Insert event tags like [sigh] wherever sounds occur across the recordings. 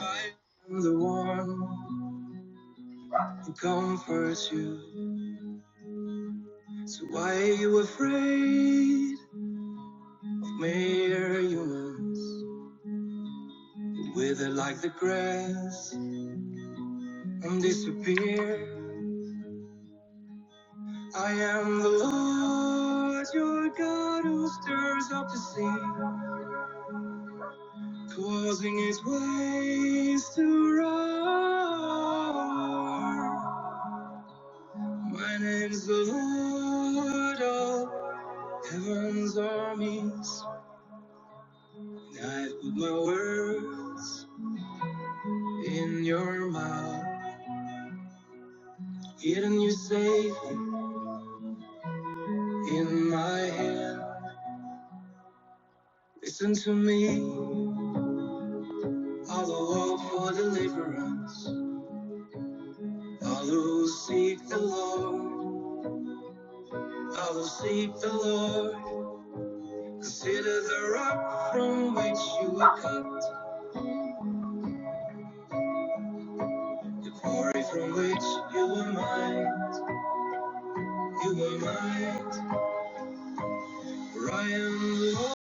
I am the one who comforts you. So why are you afraid of mere humans wither like the grass and disappear? I am the Lord, your God, who stirs up the sea, causing its waves to roar. My name's the Lord of Heaven's armies. I put my words in your mouth, hidden you safe in my hand. Listen to me, I'll walk for deliverance. I'll seek the Lord, I'll seek the Lord. Consider the rock from which you were cut, the quarry from which you were mined. You were mined, for I am the one.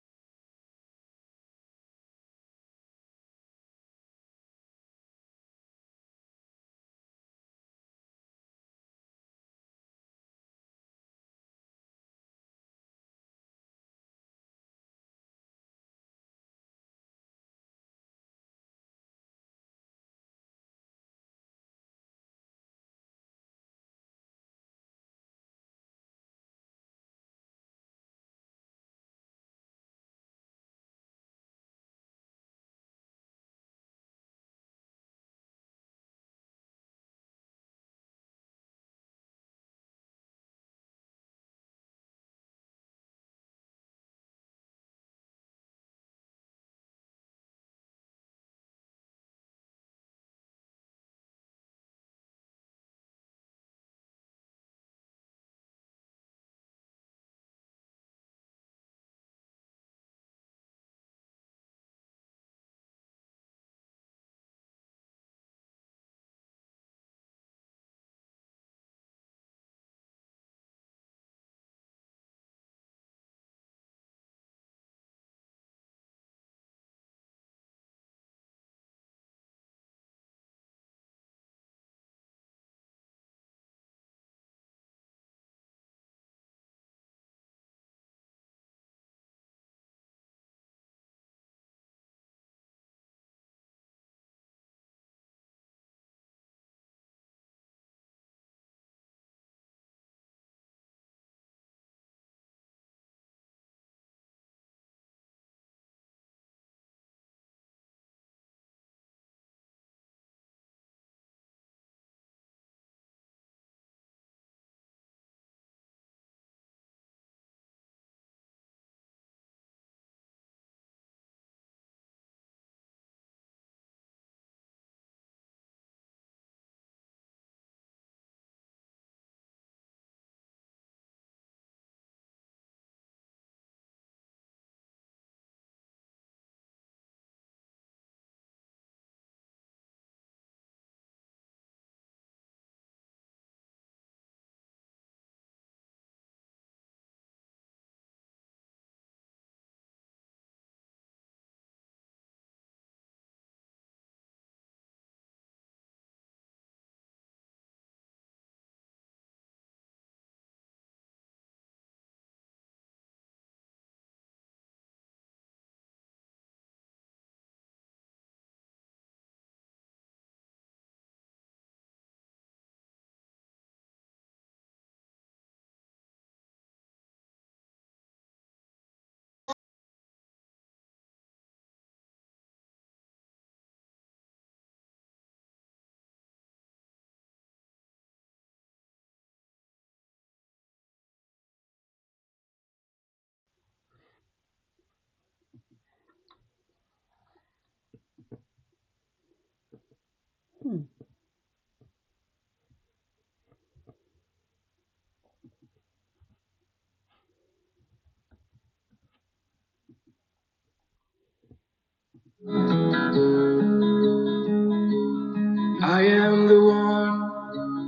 I am the one.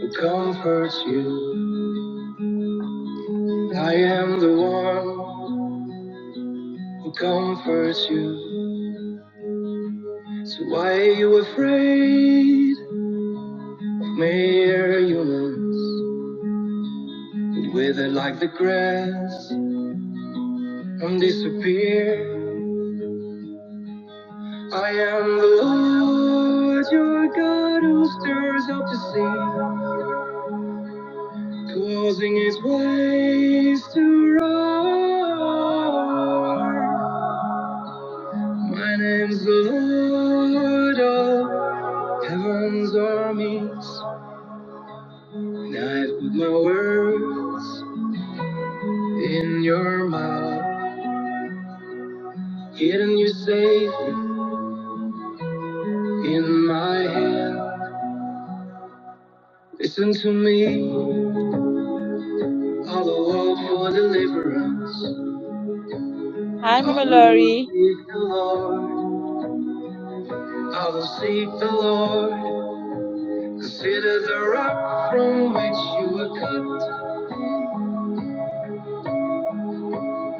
who comforts you. I am the one who comforts you. So why are you afraid of mere humans? who wither like the grass and disappear. I am the Lord, your God, who stirs up the sea, causing his waves to roar. My name's the Lord of Heaven's armies, and I put my words in your mouth, hidden you safe in my hand. Listen to me, all the world for deliverance. Hi, I Mama will Laurie. seek the Lord, I will seek the Lord. Consider the rock from which you were cut,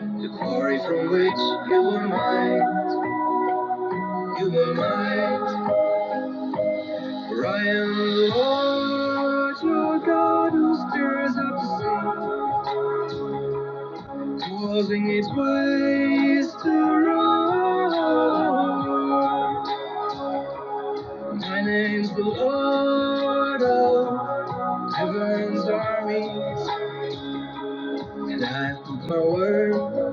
the quarry from which you were mined. You are mine. for I am the Lord, your God who stirs up the sea, causing its waves to roar. My name's the Lord of heaven's armies, and I put my word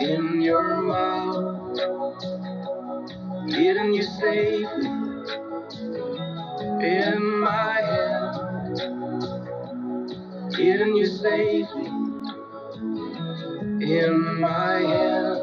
in your mouth, hidden you safely in my hand, hidden you safely in my hand.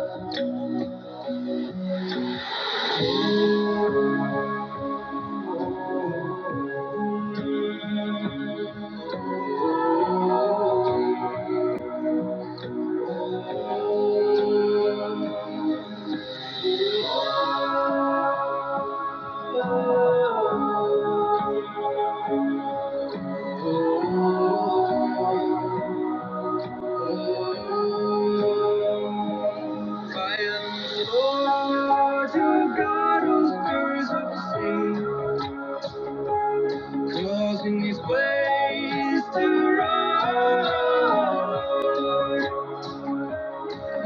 Causing his ways to run.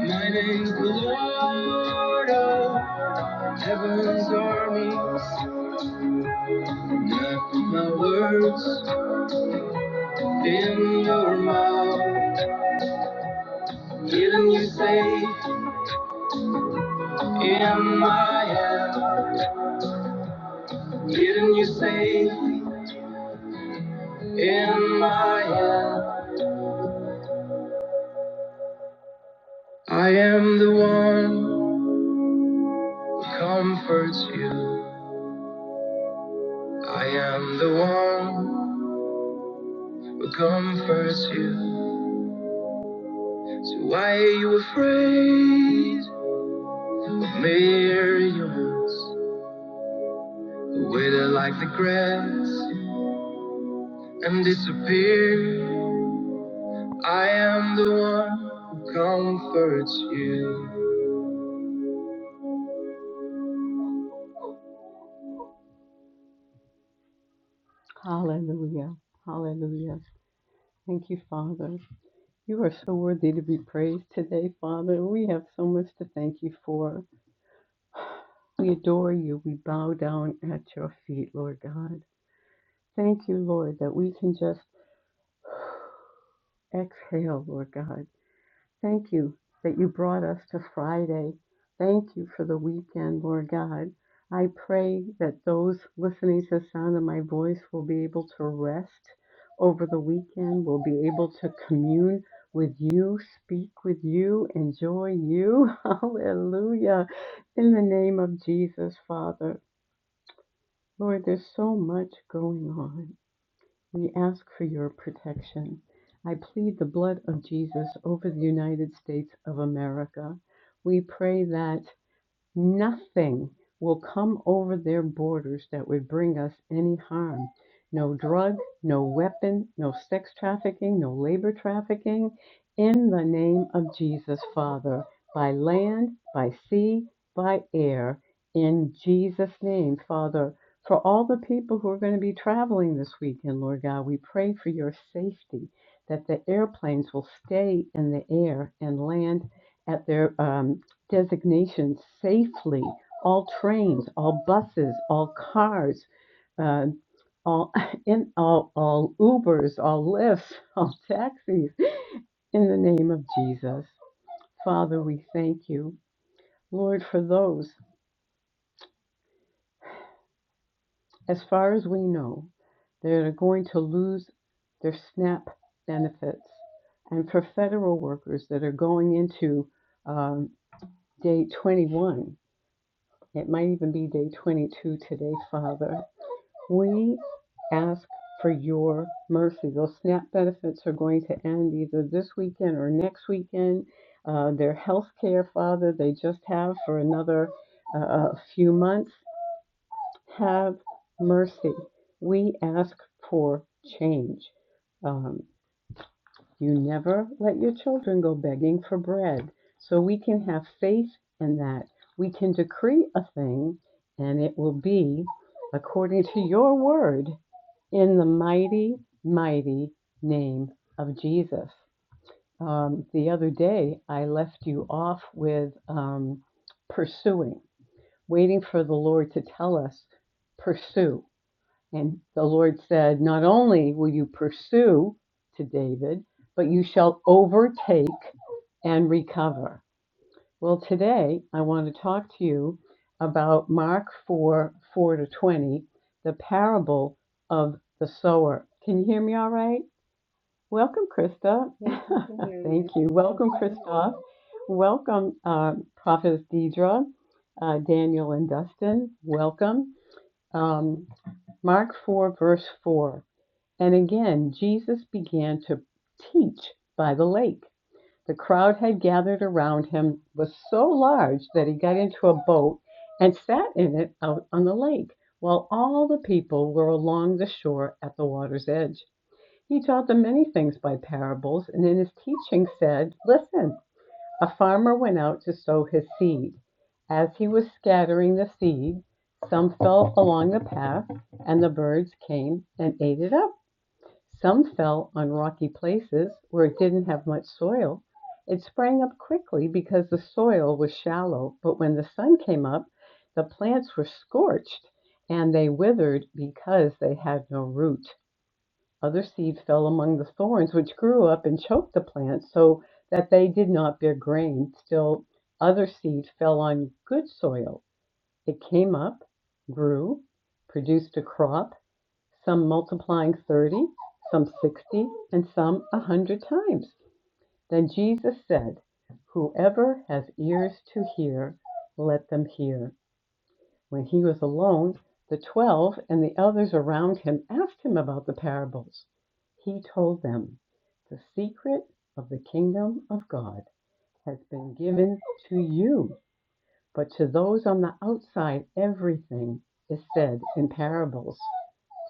My name's the Lord of Heaven's armies, not with my words in your mouth, getting you safe in my hand, getting you safe in my hand. I am the one who comforts you. I am the one who comforts you. So why are you afraid? Millions who wither like the grass and disappear. I am the one who comforts you. Hallelujah. Hallelujah. Thank you, Father. You are so worthy to be praised today, Father. We have so much to thank you for. We adore you. We bow down at your feet, Lord God. Thank you, Lord, that we can just [sighs] exhale, Lord God. Thank you that you brought us to Friday. Thank you for the weekend, Lord God. I pray that those listening to the sound of my voice will be able to rest over the weekend, will be able to commune with you, speak with you, enjoy you. [laughs] Hallelujah. In the name of Jesus, Father. Lord, there's so much going on. We ask for your protection. I plead the blood of Jesus over the United States of America. We pray that Nothing will come over their borders that would bring us any harm. No drug, no weapon, no sex trafficking, no labor trafficking. In the name of Jesus, Father, by land, by sea, by air, in Jesus' name, Father. For all the people who are going to be traveling this weekend, Lord God, we pray for your safety, that the airplanes will stay in the air and land at their um, designations safely. All trains, all buses, all cars, uh, all [laughs] in all, all Ubers, all lifts, [laughs] all taxis. In the name of Jesus, Father, we thank you, Lord, for those, as far as we know, that are going to lose their SNAP benefits, and for federal workers that are going into um, day 21. It might even be day 22 today, Father. We ask for your mercy. Those SNAP benefits are going to end either this weekend or next weekend. Uh, their health care, Father, they just have for another uh, a few months. Have mercy. We ask for change. Um, you never let your children go begging for bread. So we can have faith in that. We can decree a thing and it will be according to your word in the mighty, mighty name of Jesus. Um, the other day, I left you off with um, pursuing, waiting for the Lord to tell us, pursue. And the Lord said, Not only will you pursue to David, but you shall overtake and recover. Well, today I want to talk to you about Mark 4 4 to 20, the parable of the sower. Can you hear me all right? Welcome, Krista. [laughs] Yes, we can hear you. Thank you. Welcome, Christoph. Welcome, uh, Prophetess Deidre, uh, Daniel, and Dustin. Welcome. Um, Mark 4, verse 4. And again, Jesus began to teach by the lake. The crowd had gathered around him was so large that he got into a boat and sat in it out on the lake, while all the people were along the shore at the water's edge. He taught them many things by parables, and in his teaching said, Listen, a farmer went out to sow his seed. As he was scattering the seed, some fell along the path, and the birds came and ate it up. Some fell on rocky places where it didn't have much soil. It sprang up quickly because the soil was shallow, but when the sun came up, the plants were scorched and they withered because they had no root. Other seed fell among the thorns, which grew up and choked the plants so that they did not bear grain. Still, other seed fell on good soil it came up, grew, produced a crop, some multiplying thirty, some sixty, and some a hundred times. Then Jesus said, Whoever has ears to hear, let them hear. When he was alone, the twelve and the others around him asked him about the parables. He told them, The secret of the kingdom of God has been given to you but to those on the outside, everything is said in parables,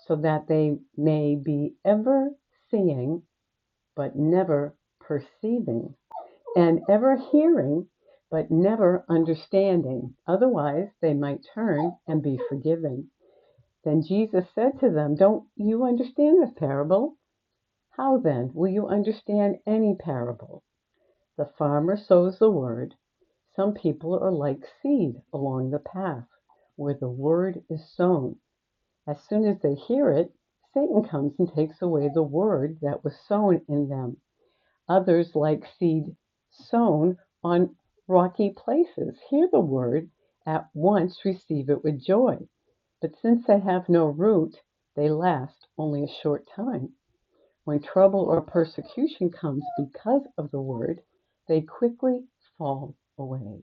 so that they may be ever seeing, but never perceiving, and ever hearing, but never understanding. Otherwise, they might turn and be forgiven. Then Jesus said to them, Don't you understand this parable? How then will you understand any parable? The farmer sows the Word. Some people are like seed along the path where the Word is sown. As soon as they hear it, Satan comes and takes away the Word that was sown in them. Others, like seed sown on rocky places, hear the Word, at once receive it with joy. But since they have no root, they last only a short time. When trouble or persecution comes because of the word, they quickly fall away.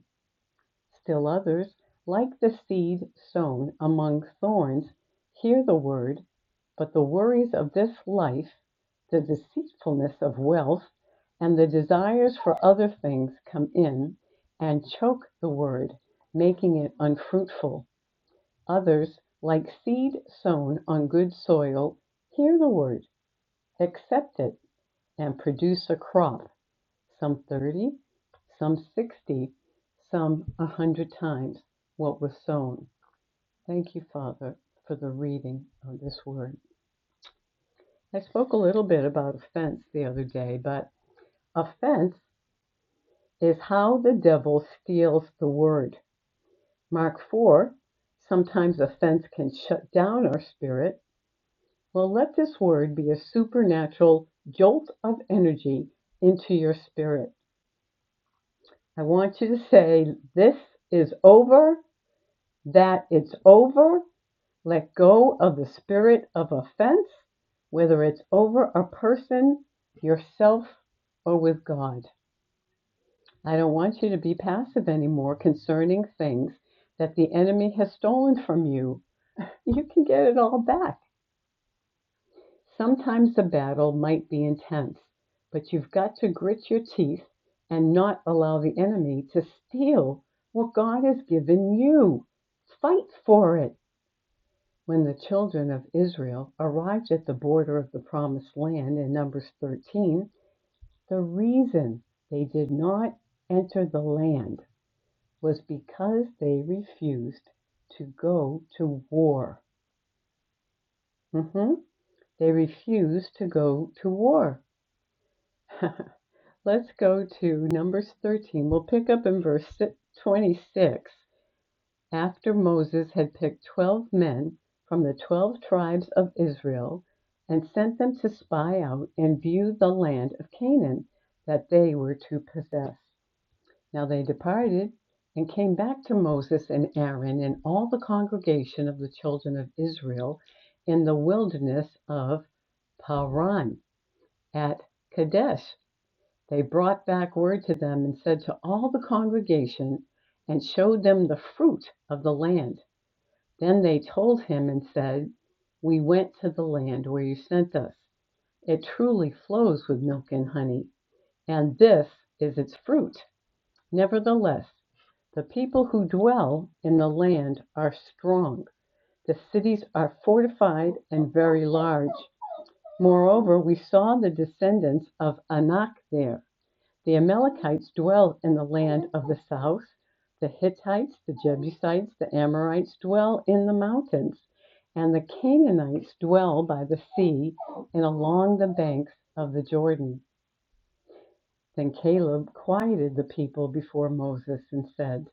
Still others, like the seed sown among thorns, hear the word, but the worries of this life, the deceitfulness of wealth, and the desires for other things come in and choke the word, making it unfruitful. Others, like seed sown on good soil, hear the word, accept it and produce a crop, some 30, some 60, some a 100 times what was sown. Thank you, Father, for the reading of this word. I spoke a little bit about offense the other day, but offense is how the devil steals the word. Mark 4 sometimes offense can shut down our spirit. Well, let this word be a supernatural jolt of energy into your spirit I want you to say, This is over, that it's over. Let go of the spirit of offense, whether it's over a person, yourself, or with God. I don't want you to be passive anymore concerning things that the enemy has stolen from you. You can get it all back. Sometimes the battle might be intense, but you've got to grit your teeth and not allow the enemy to steal what God has given you. Fight for it. When the children of Israel arrived at the border of the promised land in Numbers 13, the reason they did not enter the land was because they refused to go to war. Mhm. They refused to go to war. [laughs] Let's go to Numbers 13. We'll pick up in verse si- 26. After Moses had picked 12 men from the 12 tribes of Israel and sent them to spy out and view the land of Canaan that they were to possess. Now they departed and came back to Moses and Aaron and all the congregation of the children of Israel in the wilderness of Paran at Kadesh. They brought back word to them and said to all the congregation, and showed them the fruit of the land. Then they told him and said, We went to the land where you sent us. It truly flows with milk and honey, and this is its fruit. Nevertheless, the people who dwell in the land are strong. The cities are fortified and very large. Moreover, we saw the descendants of Anak there. The Amalekites dwell in the land of the south. The Hittites, the Jebusites, the Amorites dwell in the mountains. And the Canaanites dwell by the sea and along the banks of the Jordan. Then Caleb quieted the people before Moses and said,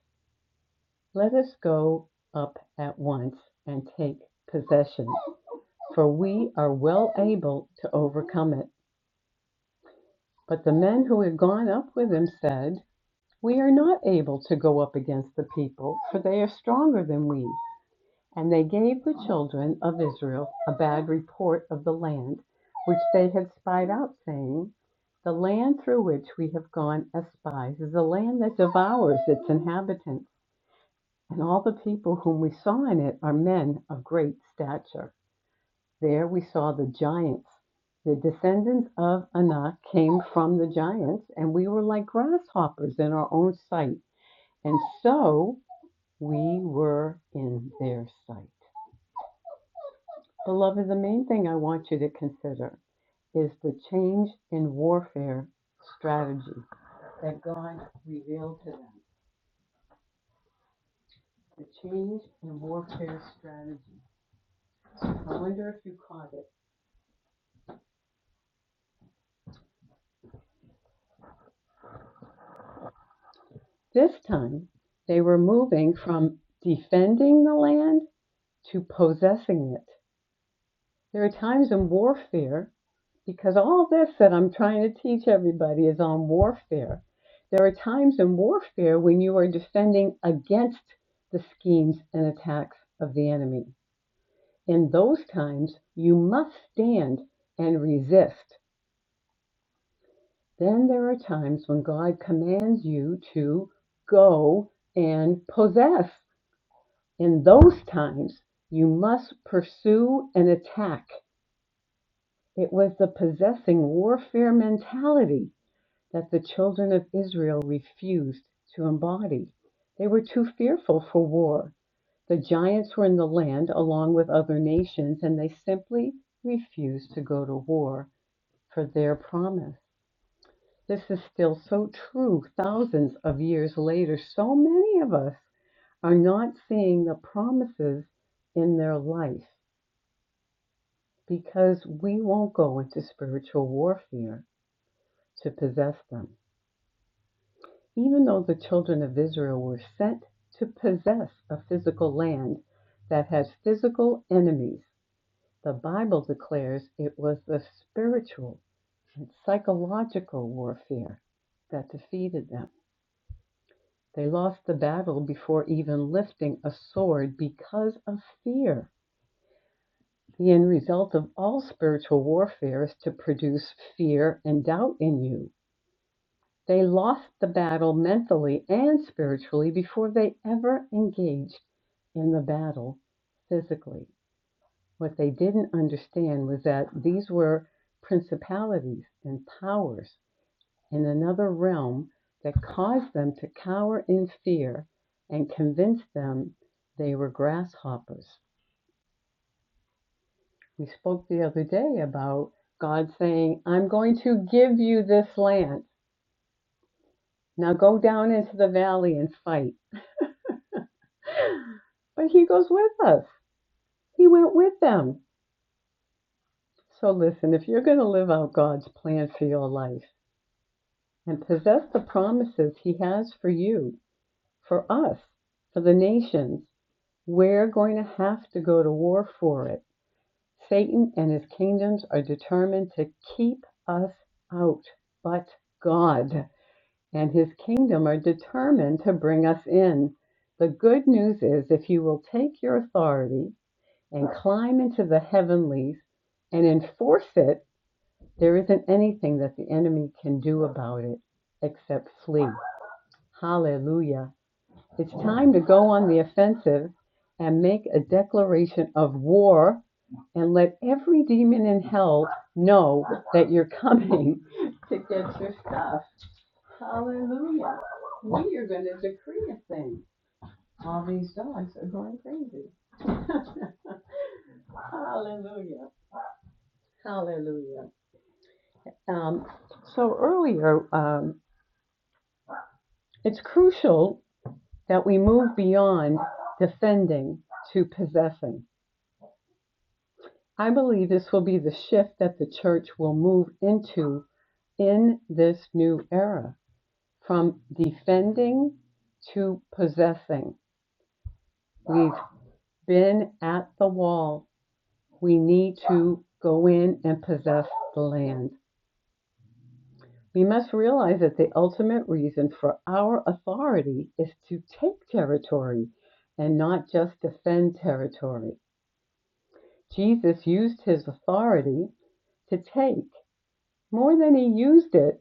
Let us go up at once and take possession, for we are well able to overcome it. But the men who had gone up with him said, We are not able to go up against the people, for they are stronger than we. And they gave the children of Israel a bad report of the land which they had spied out, saying, The land through which we have gone as spies is a land that devours its inhabitants, and all the people whom we saw in it are men of great stature. There we saw the giants. The descendants of Anak came from the giants, and we were like grasshoppers in our own sight. And so we were in their sight. Beloved, the main thing I want you to consider is the change in warfare strategy that God revealed to them. The change in warfare strategy. I wonder if you caught it. This time, they were moving from defending the land to possessing it. There are times in warfare Because all this that I'm trying to teach everybody is on warfare. There are times in warfare when you are defending against the schemes and attacks of the enemy. In those times, you must stand and resist. Then there are times when God commands you to go and possess. In those times, you must pursue and attack. It was the possessing warfare mentality that the children of Israel refused to embody. They were too fearful for war. The giants were in the land along with other nations, and they simply refused to go to war for their promise. This is still so true thousands of years later. So many of us are not seeing the promises in their life because we won't go into spiritual warfare to possess them. Even though the children of Israel were sent to possess a physical land that has physical enemies, the Bible declares it was the spiritual and psychological warfare that defeated them. They lost the battle before even lifting a sword because of fear. The end result of all spiritual warfare is to produce fear and doubt in you They lost the battle mentally and spiritually before they ever engaged in the battle physically. What they didn't understand was that these were principalities and powers in another realm that caused them to cower in fear and convinced them they were grasshoppers. We spoke the other day about God saying, I'm going to give you this land. Now go down into the valley and fight. But he goes with us. He went with them. So listen, if you're going to live out God's plan for your life and possess the promises he has for you, for us, for the nations, we're going to have to go to war for it. Satan and his kingdoms are determined to keep us out, but God and his kingdom are determined to bring us in. The good news is if you will take your authority and climb into the heavenlies and enforce it, there isn't anything that the enemy can do about it except flee. Hallelujah. It's time to go on the offensive and make a declaration of war and let every demon in hell know that you're coming [laughs] to get your stuff. Hallelujah. We are going to decree a thing. All these dogs are going crazy. [laughs] Hallelujah. Hallelujah. Um, so earlier, um, it's crucial that we move beyond defending to possessing. I believe this will be the shift that the church will move into in this new era from defending to possessing. We've been at the wall. We need to go in and possess the land. We must realize that the ultimate reason for our authority is to take territory and not just defend territory. Jesus used his authority to take more than he used it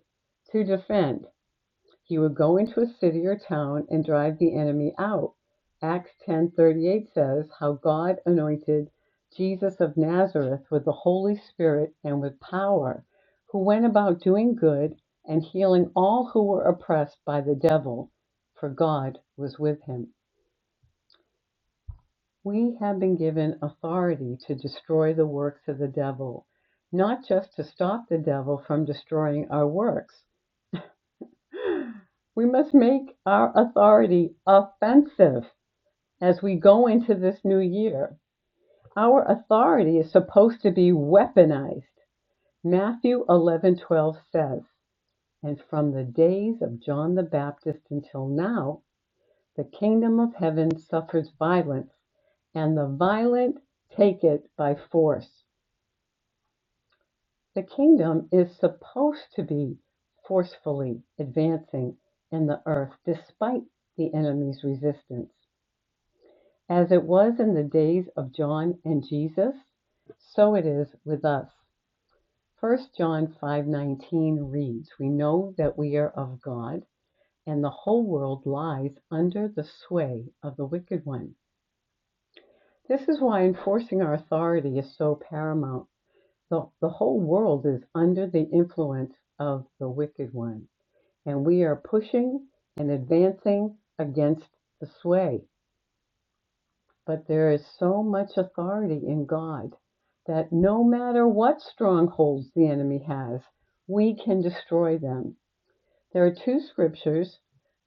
to defend. He would go into a city or town and drive the enemy out. Acts 10:38 says how God anointed Jesus of Nazareth with the Holy Spirit and with power, who went about doing good and healing all who were oppressed by the devil, for God was with him. We have been given authority to destroy the works of the devil, not just to stop the devil from destroying our works. We must make our authority offensive. as we go into this new year. Our authority is supposed to be weaponized. Matthew 11:12 says, "And from the days of John the Baptist until now, the kingdom of heaven suffers violence, and the violent take it by force." The kingdom is supposed to be forcefully advancing in the earth despite the enemy's resistance. As it was in the days of John and Jesus, so it is with us. First John 5:19 reads, "We know that we are of God, and the whole world lies under the sway of the wicked one." This is why enforcing our authority is so paramount. The, the whole world is under the influence of the wicked one, and we are pushing and advancing against the sway. But there is so much authority in God that no matter what strongholds the enemy has, we can destroy them. There are two scriptures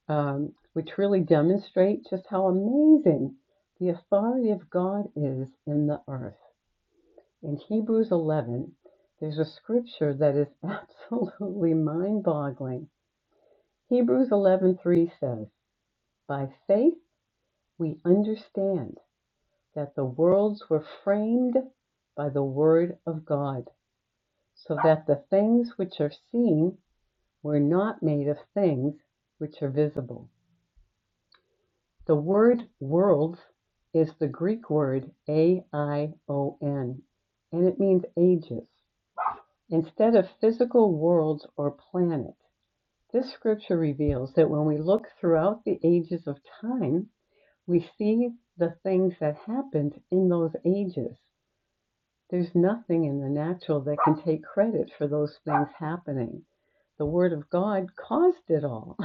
um, which really demonstrate just how amazing the authority of God is in the earth. In Hebrews 11, there's a scripture that is [laughs] absolutely mind-boggling. Hebrews 11:3 says, "By faith we understand." that the worlds were framed by the word of God, so that the things which are seen were not made of things which are visible. The word worlds is the Greek word A I O N, and it means ages. Instead of physical worlds or planets, this scripture reveals that when we look throughout the ages of time, we see the things that happened in those ages. There's nothing in the natural that can take credit for those things happening. The Word of God caused it all.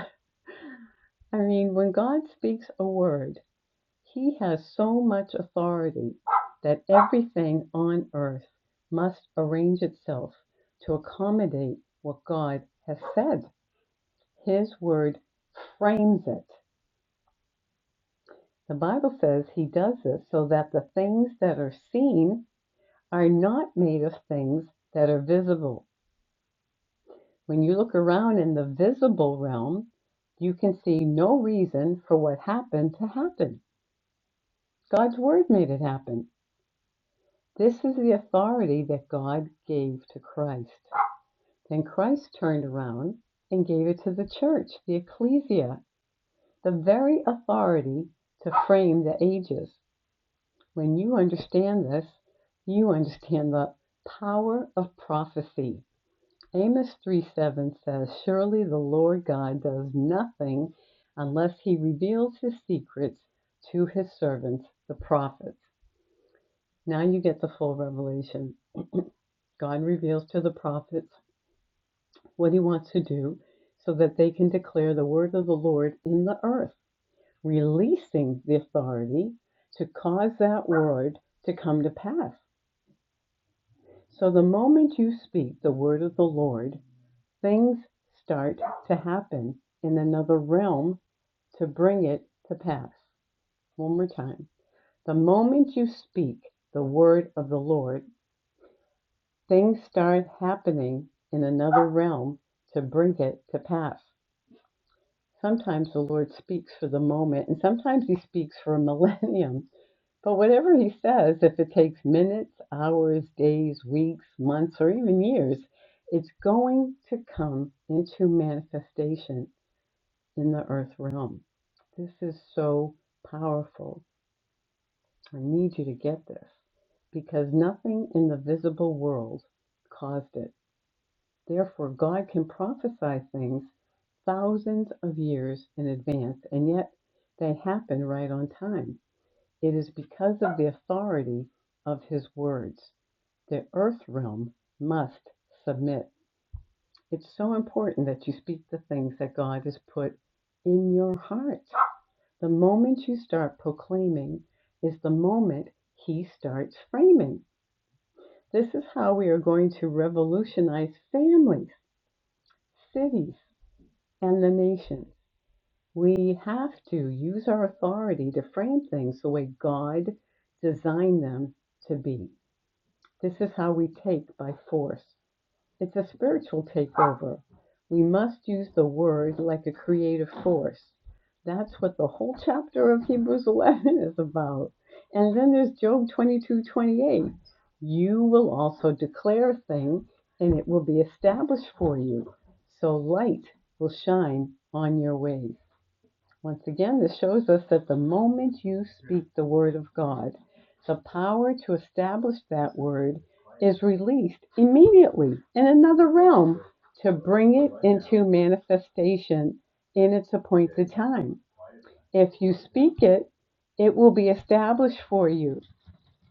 [laughs] I mean, when God speaks a word, He has so much authority that everything on earth must arrange itself to accommodate what God has said. His Word frames it. The Bible says He does this so that the things that are seen are not made of things that are visible When you look around in the visible realm, you can see no reason for what happened to happen. God's word made it happen. This is the authority that God gave to Christ. Then Christ turned around and gave it to the church, the ecclesia, the very authority to frame the ages. When you understand this, you understand the power of prophecy. Amos three seven says, Surely the Lord God does nothing unless he reveals his secrets to his servants, the prophets. Now you get the full revelation. God reveals to the prophets what he wants to do so that they can declare the word of the Lord in the earth, releasing the authority to cause that word to come to pass. So the moment you speak the word of the Lord, Things start to happen in another realm to bring it to pass. One more time. The moment you speak the word of the Lord, things start happening in another realm to bring it to pass. Sometimes the Lord speaks for the moment, and sometimes He speaks for a millennium. But whatever He says, if it takes minutes, hours, days, weeks, months, or even years, it's going to come into manifestation in the earth realm. This is so powerful. I need you to get this because nothing in the visible world caused it. Therefore, God can prophesy things thousands of years in advance, and yet they happen right on time. It is because of the authority of His words. The earth realm must submit. It's so important that you speak the things that God has put in your heart. The moment you start proclaiming is the moment he starts framing. This is how we are going to revolutionize families, cities, and the nation. We have to use our authority to frame things the way God designed them to be. This is how we take by force. It's a spiritual takeover. We must use the word like a creative force. That's what the whole chapter of Hebrews 11 is about. And then there's Job 22:28. You will also declare a thing, and it will be established for you. So light will shine on your ways. Once again, this shows us that the moment you speak the word of God, the power to establish that word is released immediately in another realm to bring it into manifestation in its appointed time. If you speak it, it will be established for you.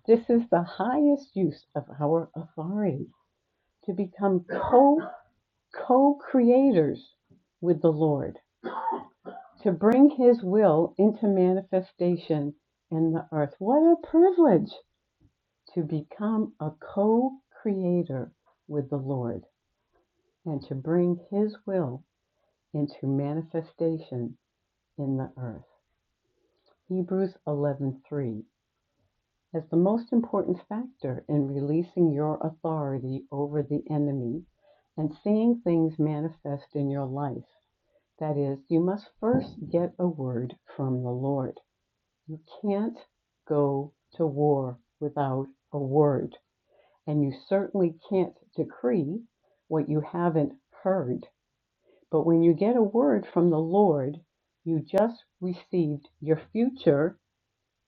This is the highest use of our authority to become co co creators with the Lord to bring his will into manifestation in the earth. What a privilege to become a co creator with the Lord and to bring his will into manifestation in the earth. Hebrews 11:3 as the most important factor in releasing your authority over the enemy and seeing things manifest in your life. That is, you must first get a word from the Lord. You can't go to war without a word, and you certainly can't decree what you haven't heard. But when you get a word from the Lord, you just received your future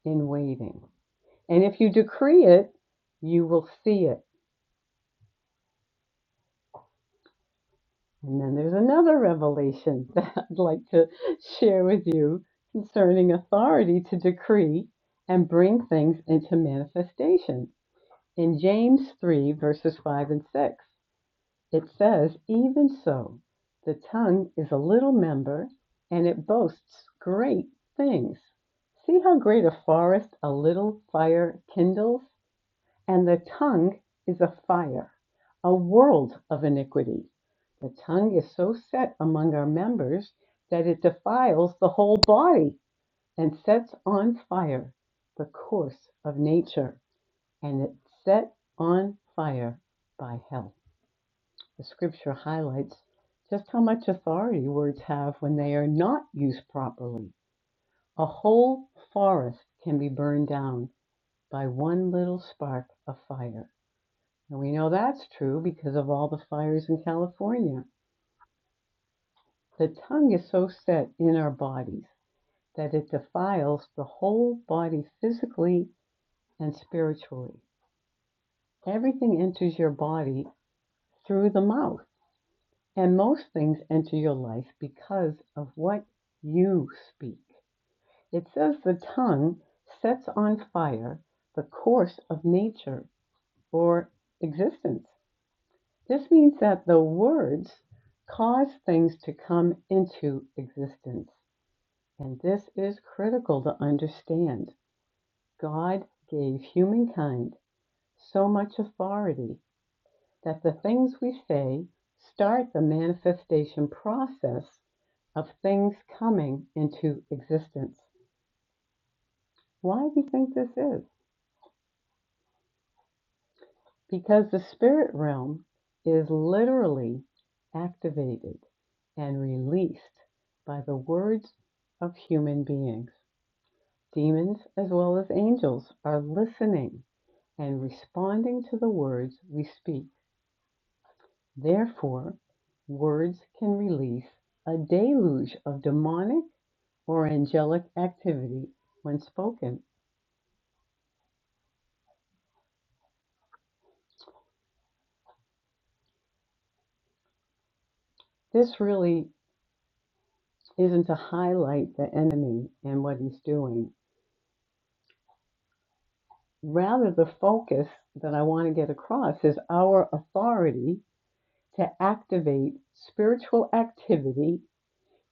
in waiting. And if you decree it, you will see it. And then there's another revelation [laughs] that I'd like to share with you concerning authority to decree and bring things into manifestation In James 3, verses 5 and 6, it says, Even so, the tongue is a little member, and it boasts great things. See how great a forest a little fire kindles? And the tongue is a fire, a world of iniquity. The tongue is so set among our members that it defiles the whole body and sets on fire the course of nature and it's set on fire by hell. The scripture highlights just how much authority words have when they are not used properly. A whole forest can be burned down by one little spark of fire. And we know that's true because of all the fires in California. The tongue is so set in our bodies that it defiles the whole body physically and spiritually. Everything enters your body through the mouth. And most things enter your life because of what you speak. It says the tongue sets on fire the course of nature or existence. This means that the words cause things to come into existence. And this is critical to understand. God gave humankind so much authority that the things we say start the manifestation process of things coming into existence. Why do you think this is? Because the spirit realm is literally activated and released by the words of human beings. Demons as well as angels are listening and responding to the words we speak. Therefore, words can release a deluge of demonic or angelic activity when spoken. This really isn't to highlight the enemy and what he's doing. Rather, the focus that I want to get across is our authority to activate spiritual activity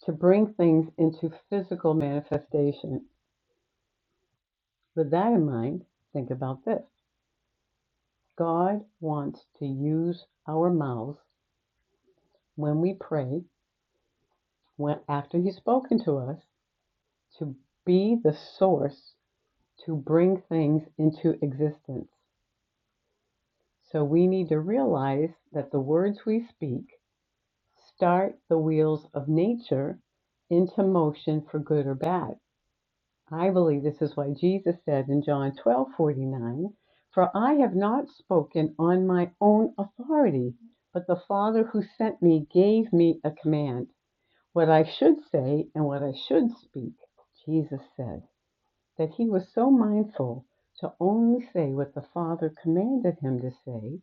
to bring things into physical manifestation. With that in mind, think about this God wants to use our mouths when we pray, when after He's spoken to us, to be the source to bring things into existence. So we need to realize that the words we speak start the wheels of nature into motion for good or bad. I believe this is why Jesus said in John 12:49, For I have not spoken on my own authority, but the Father who sent me gave me a command What I should say and what I should speak, Jesus said that he was so mindful to only say what the Father commanded him to say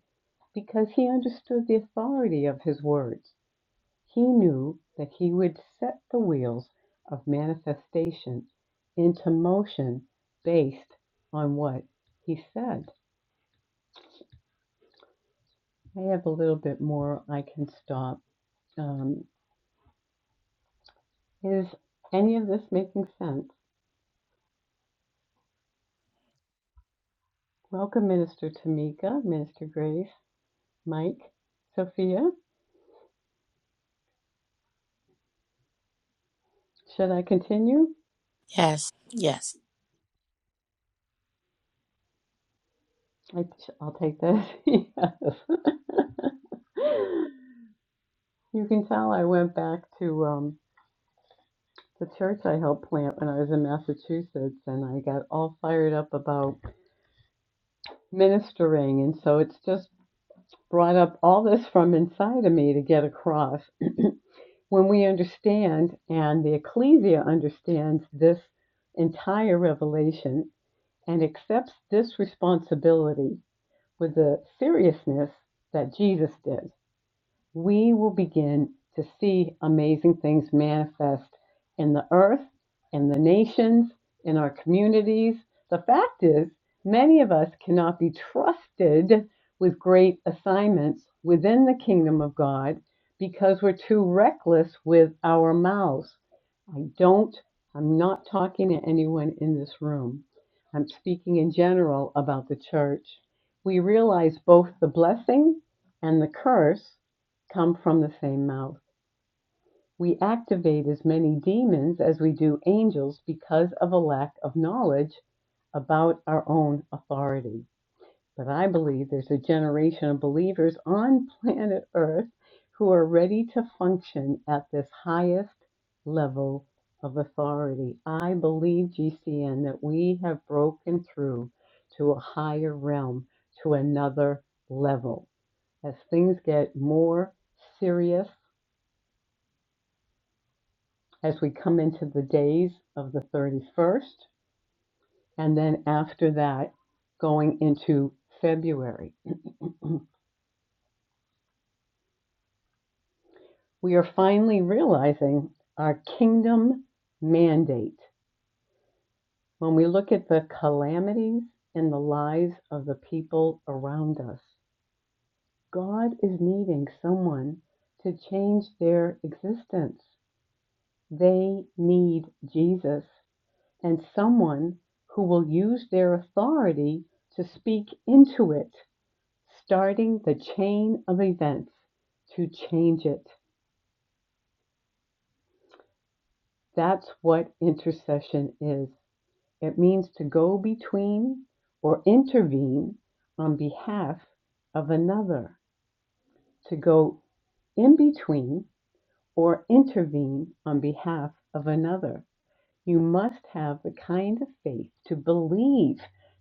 because he understood the authority of his words. He knew that he would set the wheels of manifestation into motion based on what he said. I have a little bit more I can stop. Um, is any of this making sense? Welcome, Minister Tamika, Minister Grace. Mike, Sophia, should I continue? Yes, yes. I, will take this. [laughs] yes. [laughs] You can tell I went back to um, the church I helped plant when I was in Massachusetts, and I got all fired up about ministering. And so it's just brought up all this from inside of me to get across. [clears throat] when we understand, and the ecclesia understands this entire revelation and accepts this responsibility with the seriousness that Jesus did we will begin to see amazing things manifest in the earth, in the nations, in our communities. The fact is, many of us cannot be trusted with great assignments within the kingdom of God because we're too reckless with our mouths. I don't, I'm not talking to anyone in this room. I'm speaking in general about the church. We realize both the blessing and the curse come from the same mouth. We activate as many demons as we do angels because of a lack of knowledge about our own authority. But I believe there's a generation of believers on planet Earth who are ready to function at this highest level of authority. I believe, GCN, that we have broken through to a higher realm, to another level. As things get more serious as we come into the days of the 31st. And then after that, going into February, [clears throat] we are finally realizing our kingdom mandate. When we look at the calamities in the lives of the people around us, God is needing someone to change their existence. They need Jesus and someone who will use their authority to speak into it starting the chain of events to change it. That's what intercession is. It means to go between or intervene on behalf of another, to go in between or intervene on behalf of another. You must have the kind of faith to believe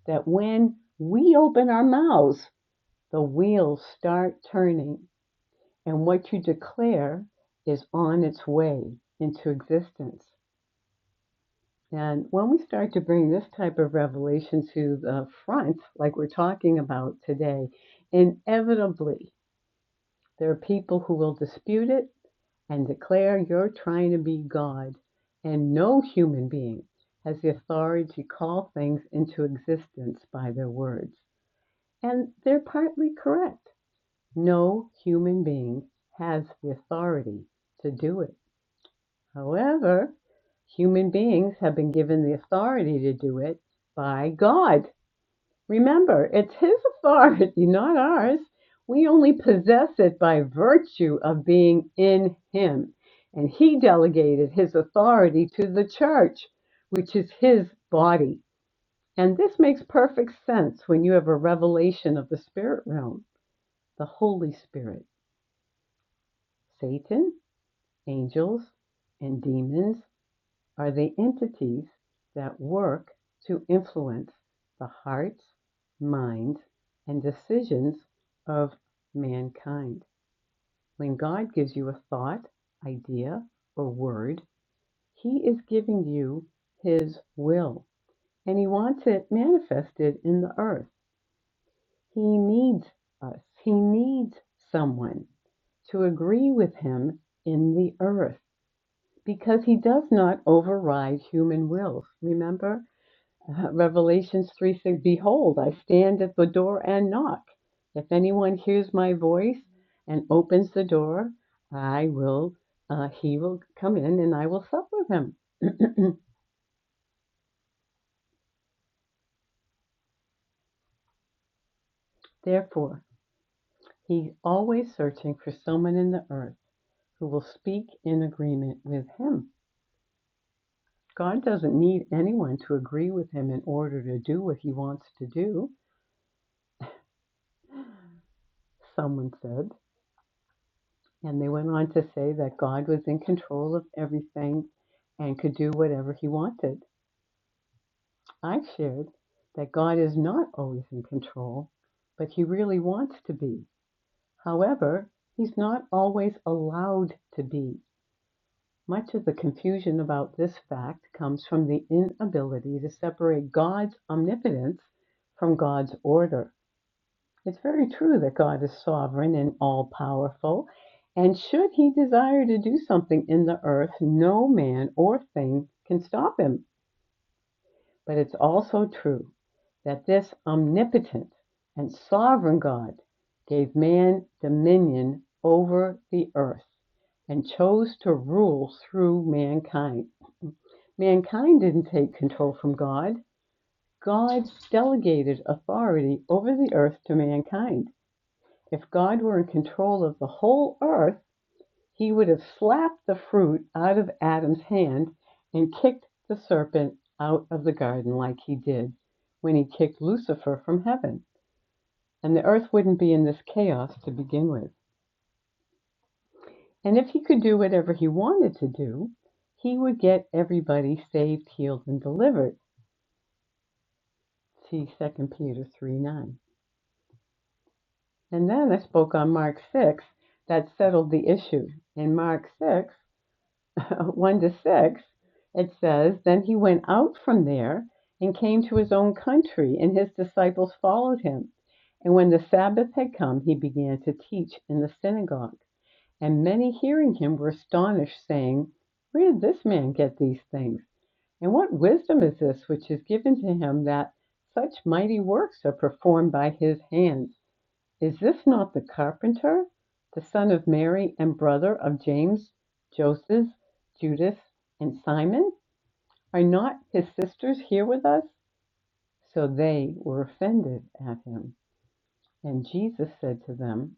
that when we open our mouths, the wheels start turning And what you declare is on its way into existence. And when we start to bring this type of revelation to the front, like we're talking about today, inevitably there are people who will dispute it and declare you're trying to be God. And no human being has the authority to call things into existence by their words. And they're partly correct. No human being has the authority to do it. However, human beings have been given the authority to do it by God. Remember, it's His authority, [laughs] not ours. We only possess it by virtue of being in Him. And He delegated His authority to the church, which is His body. And this makes perfect sense when you have a revelation of the spirit realm, the Holy Spirit, Satan, angels, and demons are the entities that work to influence the hearts, minds, and decisions of mankind. When God gives you a thought, idea, or word, He is giving you His will, and He wants it manifested in the earth. He needs us, He needs someone to agree with Him in the earth because He does not override human wills. Remember? Uh, Revelations 3 says, Behold, I stand at the door and knock. If anyone hears my voice and opens the door, I will, uh, he will come in and I will sup with him. [clears throat] Therefore, he's always searching for someone in the earth who will speak in agreement with him. God doesn't need anyone to agree with him in order to do what he wants to do, someone said. And they went on to say that God was in control of everything and could do whatever he wanted. I shared that God is not always in control, but he really wants to be. However, he's not always allowed to be. Much of the confusion about this fact comes from the inability to separate God's omnipotence from God's order. It's very true that God is sovereign and all powerful. And should he desire to do something in the earth, no man or thing can stop him. But it's also true that this omnipotent and sovereign God gave man dominion over the earth and chose to rule through mankind. Mankind didn't take control from God, God delegated authority over the earth to mankind. If God were in control of the whole earth, he would have slapped the fruit out of Adam's hand and kicked the serpent out of the garden like he did when he kicked Lucifer from heaven. And the earth wouldn't be in this chaos to begin with. And if he could do whatever he wanted to do, he would get everybody saved, healed, and delivered. See Second Peter 3 9. And then I spoke on Mark 6 that settled the issue. In Mark 6, [laughs] 1 to 6, it says, Then he went out from there and came to his own country, and his disciples followed him. And when the Sabbath had come, he began to teach in the synagogue. And many hearing him were astonished, saying, Where did this man get these things? And what wisdom is this which is given to him that such mighty works are performed by his hands? Is this not the carpenter, the son of Mary, and brother of James, Joseph, Judas, and Simon? Are not his sisters here with us? So they were offended at him. And Jesus said to them,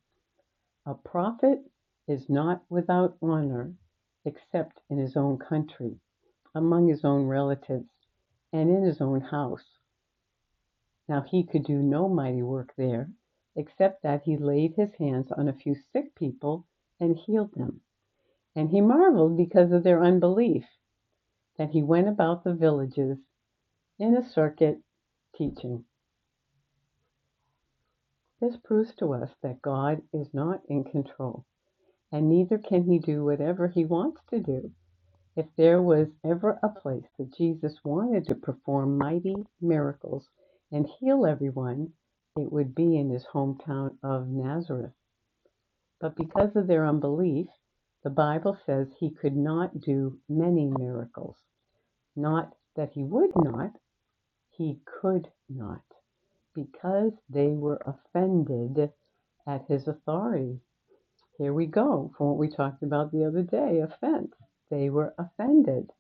A prophet is not without honor except in his own country, among his own relatives, and in his own house. Now he could do no mighty work there, except that he laid his hands on a few sick people and healed them. And he marveled because of their unbelief, that he went about the villages in a circuit teaching. This proves to us that God is not in control, and neither can he do whatever he wants to do. If there was ever a place that Jesus wanted to perform mighty miracles and heal everyone, it would be in his hometown of Nazareth. But because of their unbelief, the Bible says he could not do many miracles. Not that he would not, he could not, because they were offended at his authority. Here we go from what we talked about the other day offense. They were offended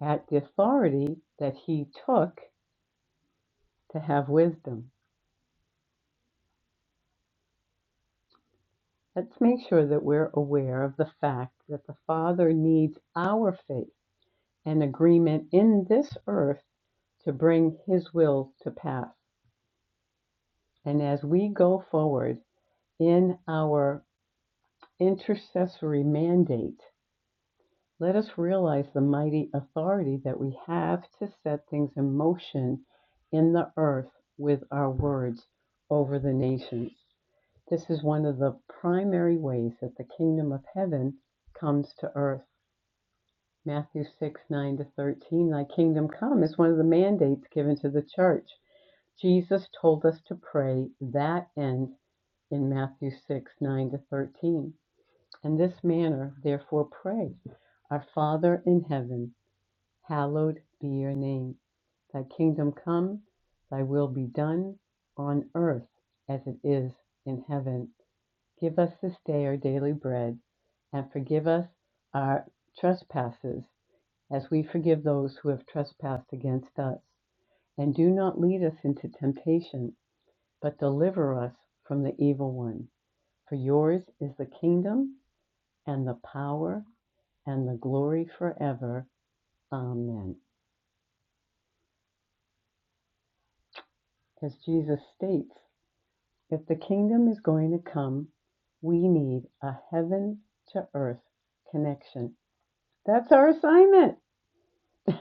at the authority that he took to have wisdom. Let's make sure that we're aware of the fact that the Father needs our faith an agreement in this earth to bring His will to pass. And as we go forward in our intercessory mandate, let us realize the mighty authority that we have to set things in motion in the earth with our words over the nations. This is one of the primary ways that the kingdom of heaven comes to earth Matthew 6, 9 to 13, Thy kingdom come is one of the mandates given to the church. Jesus told us to pray that end in Matthew 6, 9 to 13. In this manner, therefore, pray Our Father in heaven, hallowed be your name. Thy kingdom come, thy will be done on earth as it is in heaven. Give us this day our daily bread, and forgive us our trespasses as we forgive those who have trespassed against us. And do not lead us into temptation, but deliver us from the evil one. For yours is the kingdom and the power and the glory forever. Amen. As Jesus states, if the kingdom is going to come, we need a heaven to earth connection. That's our assignment.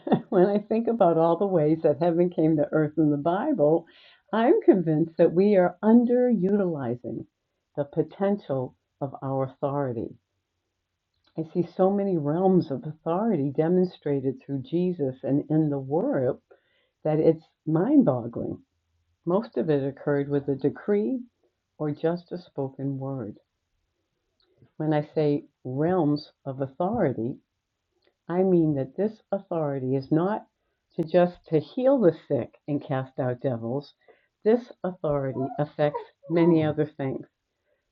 [laughs] When I think about all the ways that heaven came to earth in the Bible, I'm convinced that we are underutilizing the potential of our authority. I see so many realms of authority demonstrated through Jesus and in the Word that it's mind boggling. Most of it occurred with a decree or just a spoken word. When I say realms of authority, I mean that this authority is not to just to heal the sick and cast out devils. This authority affects many other things.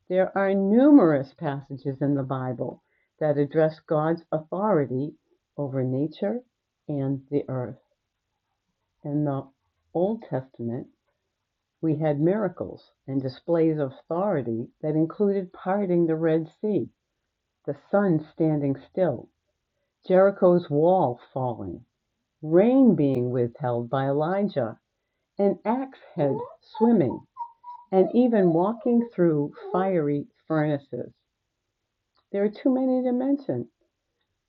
There are numerous passages in the Bible that address God's authority over nature and the earth. In the Old Testament, we had miracles and displays of authority that included parting the Red Sea, the sun standing still, Jericho's wall falling rain being withheld by Elijah, an axe head swimming, and even walking through fiery furnaces. There are too many to mention.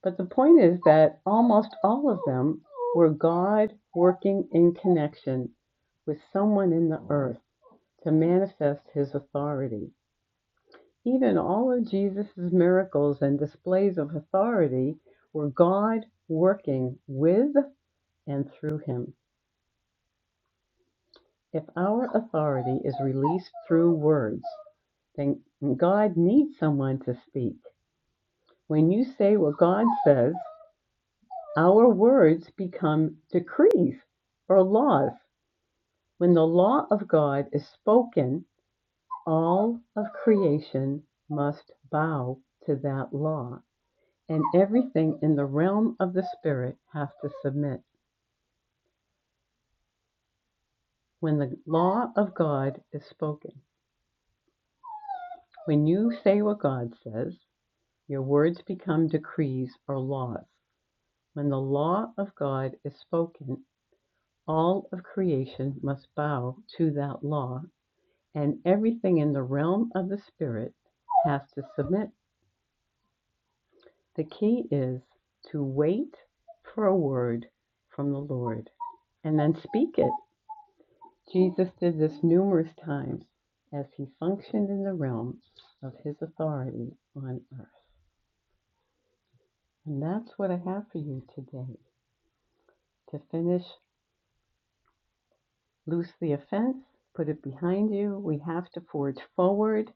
But the point is that almost all of them were God working in connection with someone in the earth to manifest his authority. Even all of Jesus' miracles and displays of authority were God working with and through him. If our authority is released through words, then God needs someone to speak. When you say what God says, our words become decrees or laws. When the law of God is spoken, all of creation must bow to that law, and everything in the realm of the Spirit has to submit. When the law of God is spoken, when you say what God says, Your words become decrees or laws. When the law of God is spoken, all of creation must bow to that law, and everything in the realm of the spirit has to submit. The key is to wait for a word from the Lord and then speak it. Jesus did this numerous times as he functioned in the realm of his authority on earth. And that's what I have for you today to finish Loose the offense, put it behind you. We have to forge forward.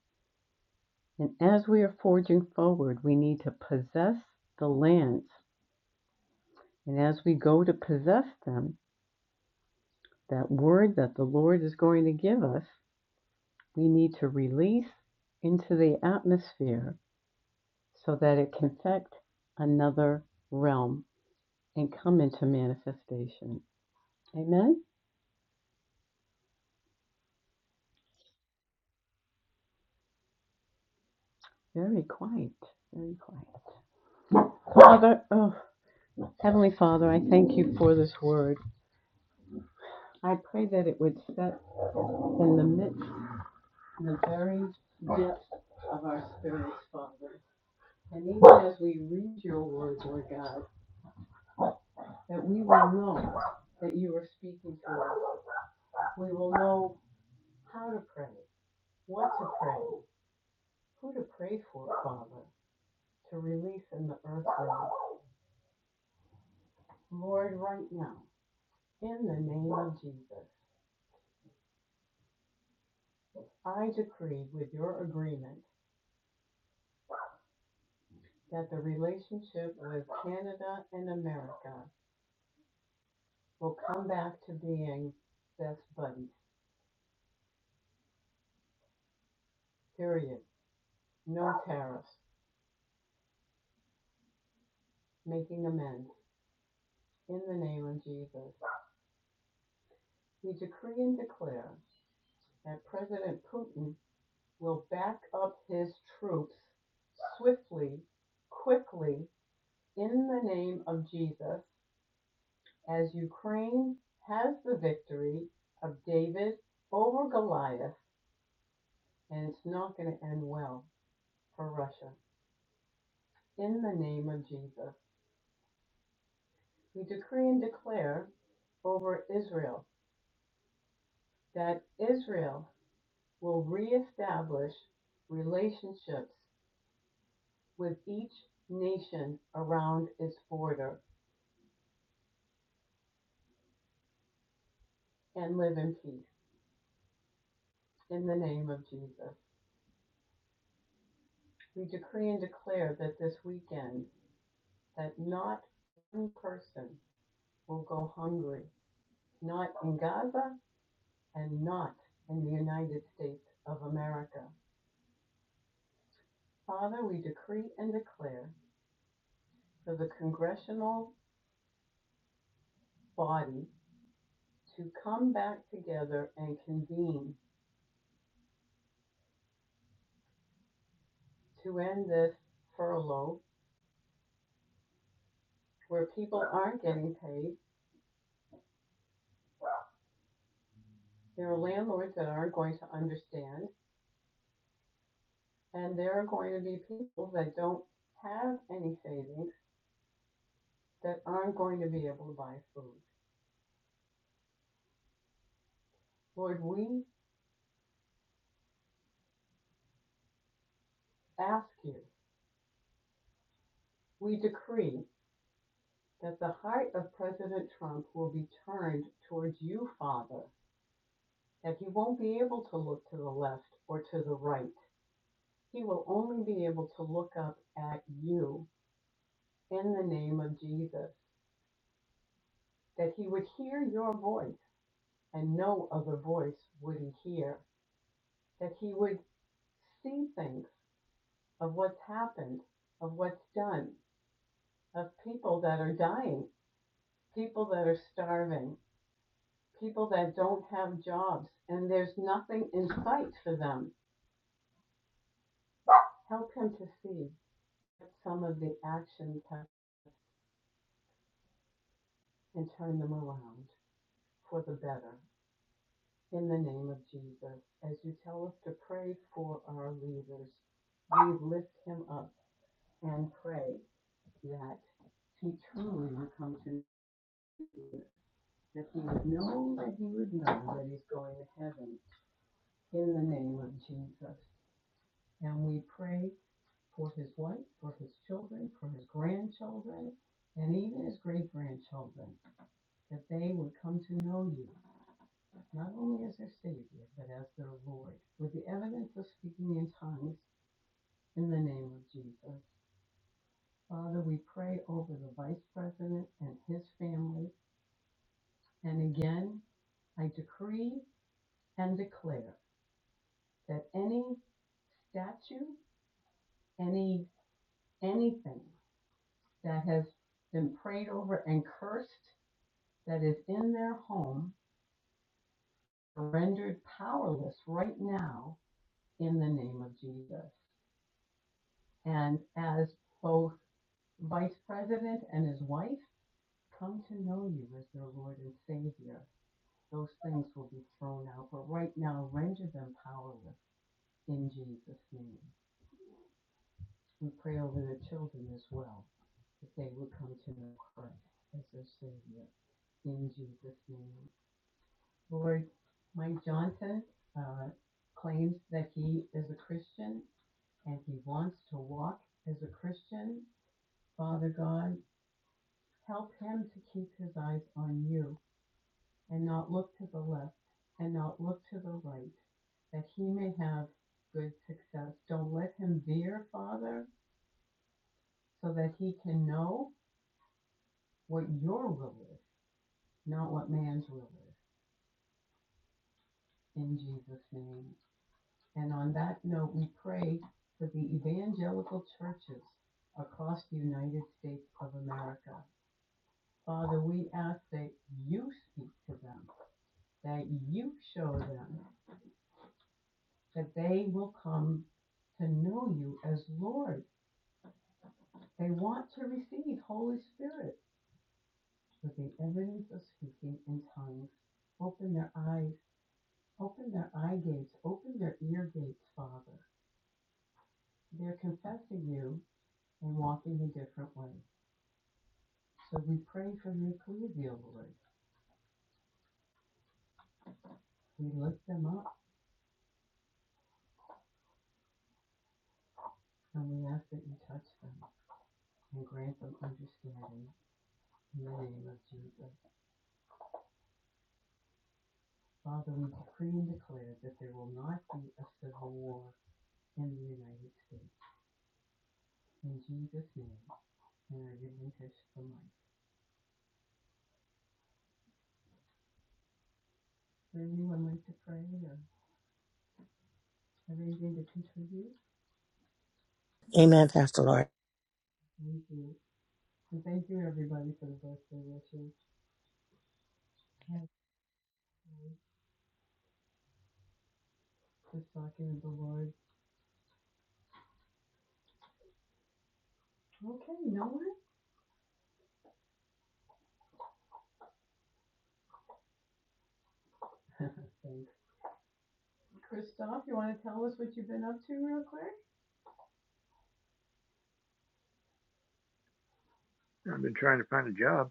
And as we are forging forward, we need to possess the lands. And as we go to possess them, that word that the Lord is going to give us, we need to release into the atmosphere so that it can affect another realm and come into manifestation. Amen? Very quiet. Very quiet. Father, oh, Heavenly Father, I thank you for this word. I pray that it would set in the midst, in the very depths of our spirits, Father. And even as we read your word, Lord God, that we will know that you are speaking to us. We will know how to pray, what to pray, who to pray for, Father, to release in the earth realm. Lord, right now, in the name of Jesus, I decree with your agreement that the relationship with Canada and America We'll come back to being best buddies. Period. No tariffs. Making amends. In the name of Jesus. We decree and declare that President Putin will back up his troops swiftly, quickly, in the name of Jesus, as Ukraine has the victory of David over Goliath, and it's not going to end well for Russia. In the name of Jesus. We decree and declare over Israel that Israel will reestablish relationships with each nation around its border and live in peace in the name of Jesus. We decree and declare that this weekend that not one person will go hungry, not in Gaza and not in the United States of America. Father, we decree and declare for the congressional body to come back together and convene to end this furlough where people aren't getting paid. There are landlords that aren't going to understand, and there are going to be people that don't have any savings that aren't going to be able to buy food. Lord, we ask you, we decree that the heart of President Trump will be turned towards you, Father, that he won't be able to look to the left or to the right He will only be able to look up at you in the name of Jesus, that he would hear your voice and no other voice would he hear, that he would see things of what's happened, of what's done, of people that are dying, people that are starving, people that don't have jobs, and there's nothing in sight for them. Help him to see that some of the actions have and turn them around for the better. In the name of Jesus, as you tell us to pray for our leaders, we lift him up and pray that he truly would come to you, that he would know that he would know that he's going to heaven in the name of Jesus. And we pray for his wife, for his children, for his grandchildren, and even his great grandchildren, that they would come to know you not only as their Savior, but as their Lord, with the evidence of speaking in tongues in the name of Jesus. Father, we pray over the Vice President and his family. And again, I decree and declare that any statue, any anything that has been prayed over and cursed that is in their home are rendered powerless right now in the name of Jesus. And as both Vice President and his wife come to know you as their Lord and Savior, those things will be thrown out. But right now, render them powerless in Jesus' name. We pray over the children as well, that they would come to know Christ as their Savior in Jesus' name. Lord, Mike Johnson uh, claims that he is a Christian and he wants to walk as a Christian. Father God, help him to keep his eyes on you and not look to the left and not look to the right, that he may have good success. Don't let him veer, Father, so that he can know what your will is, not what man's will is, in Jesus' name. And on that note, we pray for the evangelical churches across the United States of America. Father, we ask that you speak to them, that you show them, that they will come to know you as Lord. They want to receive Holy Spirit with the evidence of speaking in tongues. Open their eyes, open their eye gates, open their ear gates, Father. They're confessing you and walking a different way. So we pray for their cleavia, Lord. We lift them up and we ask that you touch them and grant them understanding in the name of Jesus. Father, we decree and declare that there will not be a civil war in the United States. In Jesus' name, and I didn't touch the mic. Would anyone like to pray or have anything to contribute? Amen, Pastor Lori. Thank you. And thank you, everybody, for the birthday wishes. Yes, um, Just talking of the Lord. Okay, no one? [laughs] Thanks. Christoph, you want to tell us what you've been up to real quick? I've been trying to find a job.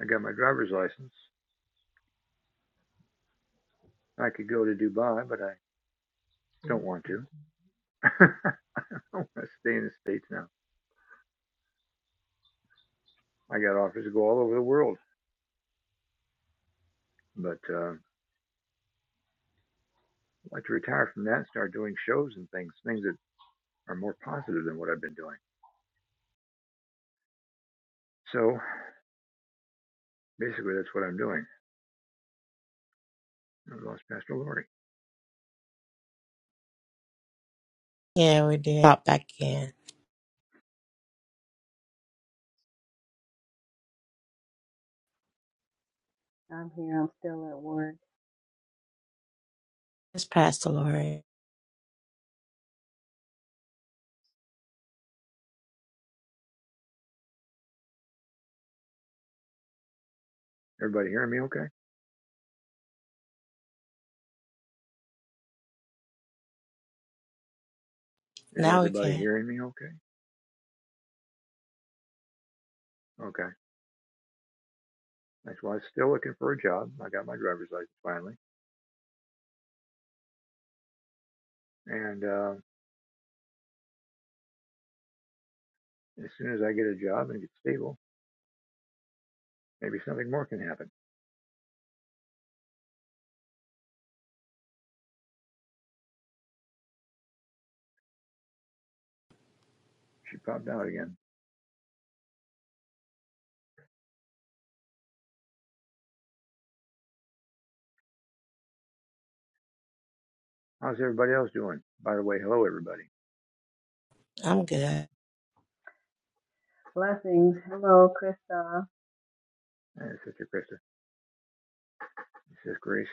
I got my driver's license. I could go to Dubai, but I don't See, want to. okay. [laughs] I want to stay in the States now. I got offers to go all over the world, but uh, I'd like to retire from that and start doing shows and things, things that are more positive than what I've been doing. So basically, that's what I'm doing. I lost Pastor Lori. Yeah, we did. Pop back in. I'm here. I'm still at work. It's Pastor Lori. Everybody hearing me okay? Is Now we everybody can. hearing me okay? Okay. That's why I'm still looking for a job. I got my driver's license finally. And uh, as soon as I get a job and get stable, maybe something more can happen. She popped out again. "How's everybody else doing? By the way, hello, everybody. I'm good. Blessings. Hello, Krista. Hey, Sister Krista. This Grace.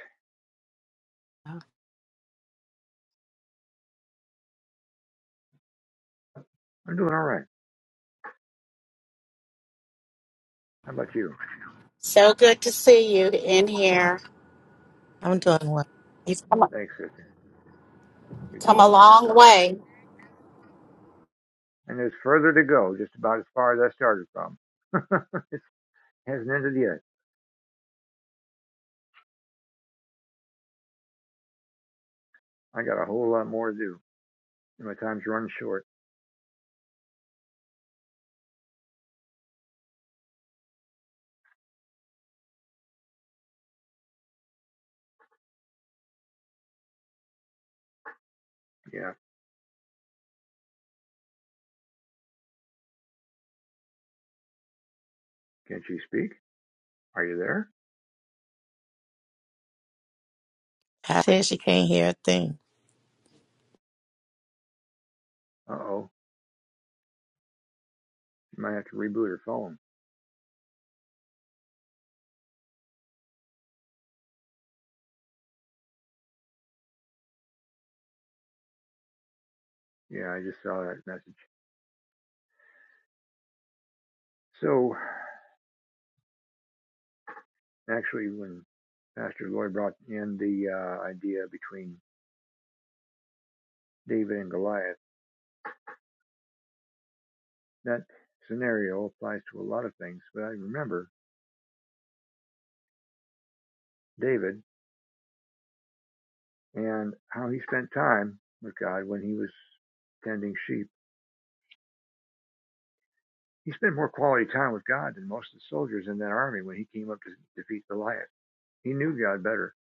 I'm doing all right. How about you? So good to see you in here. I'm doing well. You've come a, Thanks, Sister. You're come doing a well. That's long good. way. And there's further to go, just about as far as I started from. [laughs] it hasn't ended yet. I got a whole lot more to do. And my time's running short. Yeah. Can't you speak? Are you there? Pat said she can't hear a thing. Uh-oh. You might have to reboot her phone. Yeah, I just saw that message. So, actually, when Pastor Lloyd brought in the uh, idea between David and Goliath. that scenario applies to a lot of things, but I remember David and how he spent time with God when he was tending sheep. He spent more quality time with God than most of the soldiers in that army when he came up to defeat Goliath. He knew God better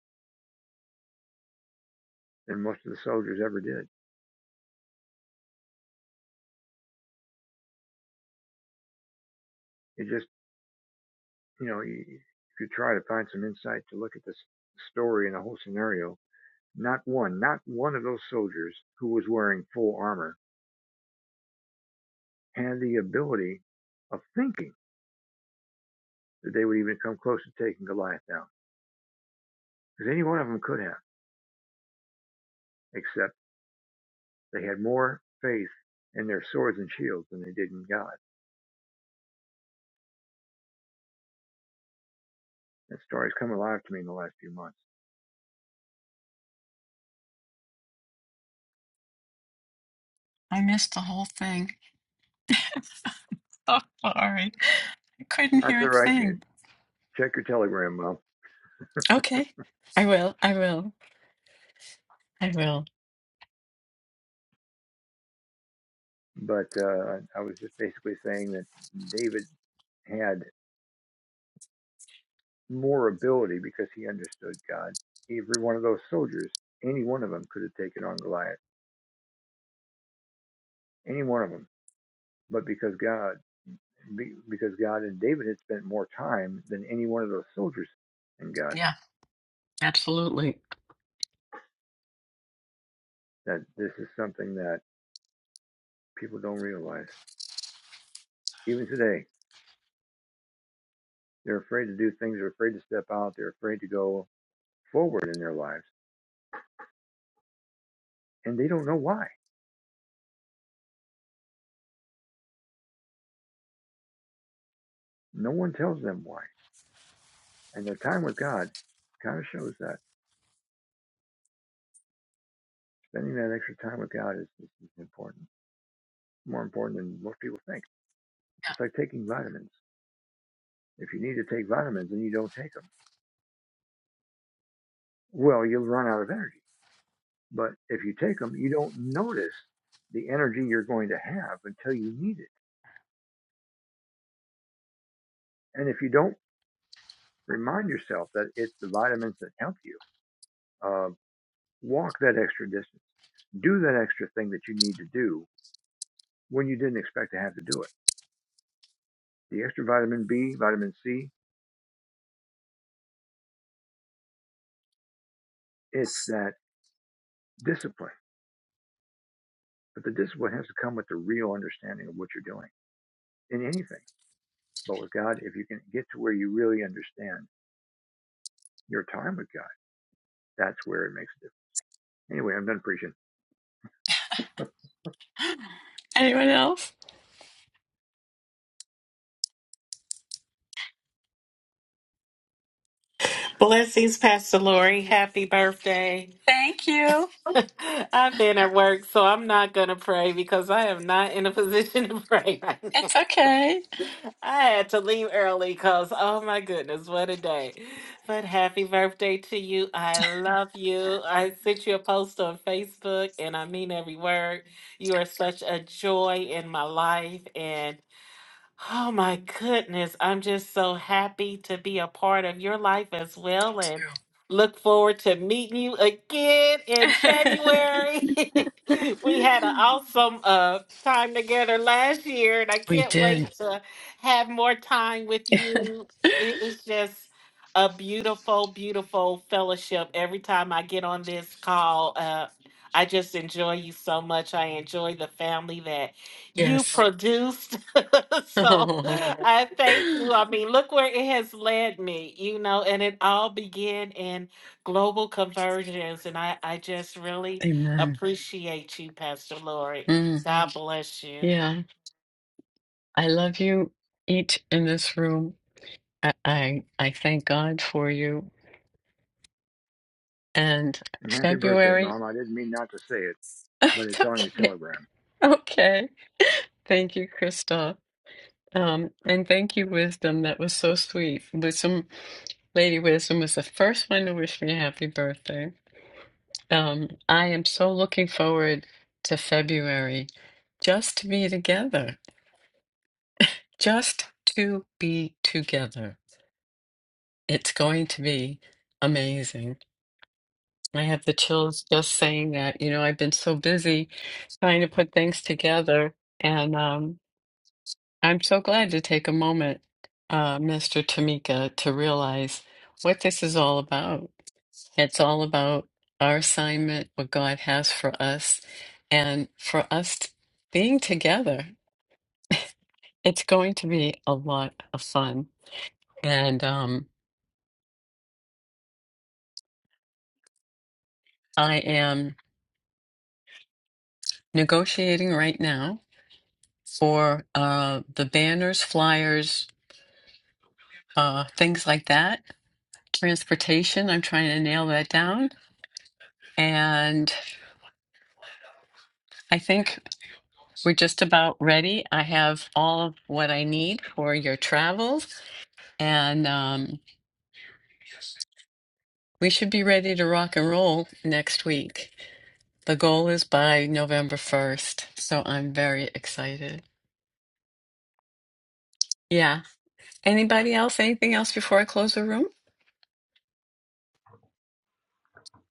than most of the soldiers ever did. It just, you know, if you try to find some insight to look at this story and the whole scenario, not one, not one of those soldiers who was wearing full armor had the ability of thinking that they would even come close to taking Goliath down. Because any one of them could have, except they had more faith in their swords and shields than they did in God. That story's come alive to me in the last few months. I missed the whole thing. [laughs] so sorry. I couldn't That's hear a all right. thing. Check your telegram, Mom. Okay. I will. I will. I will. But uh, I was just basically saying that David had more ability because he understood God. Every one of those soldiers, any one of them could have taken on Goliath. Any one of them. But because God because God and David had spent more time than any one of those soldiers in God. Yeah. Absolutely. That this is something that people don't realize. Even today, they're afraid to do things, they're afraid to step out, they're afraid to go forward in their lives, and they don't know why. No one tells them why. And their time with God kind of shows that. Spending that extra time with God is, is, is important, more important than most people think. It's like taking vitamins. If you need to take vitamins and you don't take them, well, you'll run out of energy But if you take them, you don't notice the energy you're going to have until you need it. And if you don't remind yourself that it's the vitamins that help you, uh, walk that extra distance, do that extra thing that you need to do when you didn't expect to have to do it. The extra vitamin B, vitamin C, it's that discipline. But the discipline has to come with the real understanding of what you're doing in anything. But with God, if you can get to where you really understand your time with God, that's where it makes a difference. Anyway, I'm done preaching. Anyone else? Blessings, Pastor Lori. Happy birthday. Thank you. [laughs] I've been at work, so I'm not going to pray because I am not in a position [laughs] to pray right now. It's okay. I had to leave early because, oh my goodness, what a day. But happy birthday to you. I love you. I sent you a post on Facebook, and I mean every word. You are such a joy in my life. And Oh my goodness. I'm just so happy to be a part of your life as well and look forward to meeting you again in [laughs] February. [laughs] we had an awesome uh time together last year and I We can't wait did. to have more time with you. It- It's just a beautiful, beautiful fellowship. Every time I get on this call, uh, I just enjoy you so much. I enjoy the family that you Yes. produced. [laughs] [laughs] so Amen. I thank you. I mean, look where it has led me, you know, and it all began in global conversions. And I, I just really appreciate you, Pastor Lori. Mm, God bless you. yeah. I love you each in this room. I, I I thank God for you. And And happy birthday, February, Mom. I didn't mean not to say it, [laughs] but it's it's on your okay. telegram. Okay. Thank you, Krista. Um, and thank you, Wisdom. That was so sweet. Wisdom, Lady Wisdom was the first one to wish me a happy birthday. Um, I am so looking forward to February just to be together, just to be together. It's going to be amazing. I have the chills just saying that. You know, I've been so busy trying to put things together. And um, I'm so glad to take a moment, uh, Mr. Tamika, to realize what this is all about. It's all about our assignment, what God has for us, and for us t- being together. It's going to be a lot of fun. And um, I am negotiating right now for uh, the banners, flyers, uh, things like that. Transportation, I'm trying to nail that down. And I think. We're just about ready. I have all of what I need for your travels, and um, we should be ready to rock and roll next week. The goal is by November 1st, so I'm very excited. Yeah. Anybody else? Anything else before I close the room?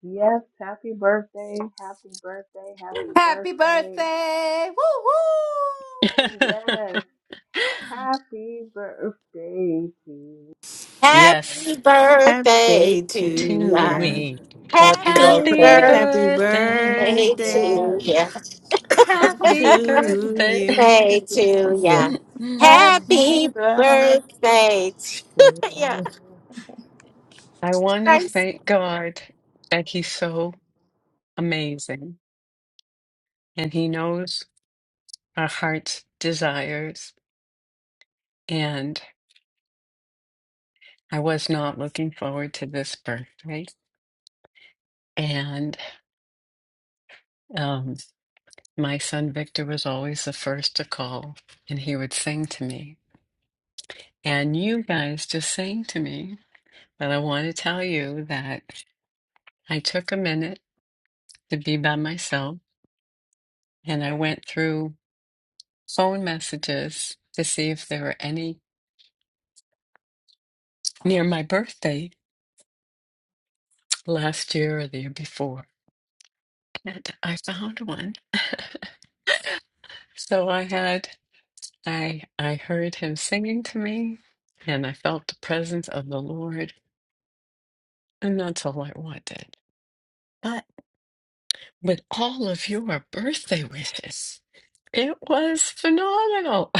Yes, happy birthday. Happy birthday. Happy Happy birthday. birthday! Woo woo! Yes, [laughs] happy birthday to you. Happy yes. Happy birthday day to To to ya. you. me. Happy Happy Happy birthday birthday. Happy birthday. birthday to Yes. ya. Happy to birthday. you. Birthday to Yeah. ya. [laughs] Happy Happy birthday. birthday to [laughs] I want to ya. thank God that He's so amazing and He knows our heart's desires. And I was not looking forward to this birthday. And um, my son Victor was always the first to call and he would sing to me. And you guys just sang to me. But I want to tell you that I took a minute to be by myself and I went through phone messages to see if there were any near my birthday last year or the year before and i found one [laughs] so i had i i heard him singing to me and i felt the presence of the lord and that's all i wanted but with all of your birthday wishes it was phenomenal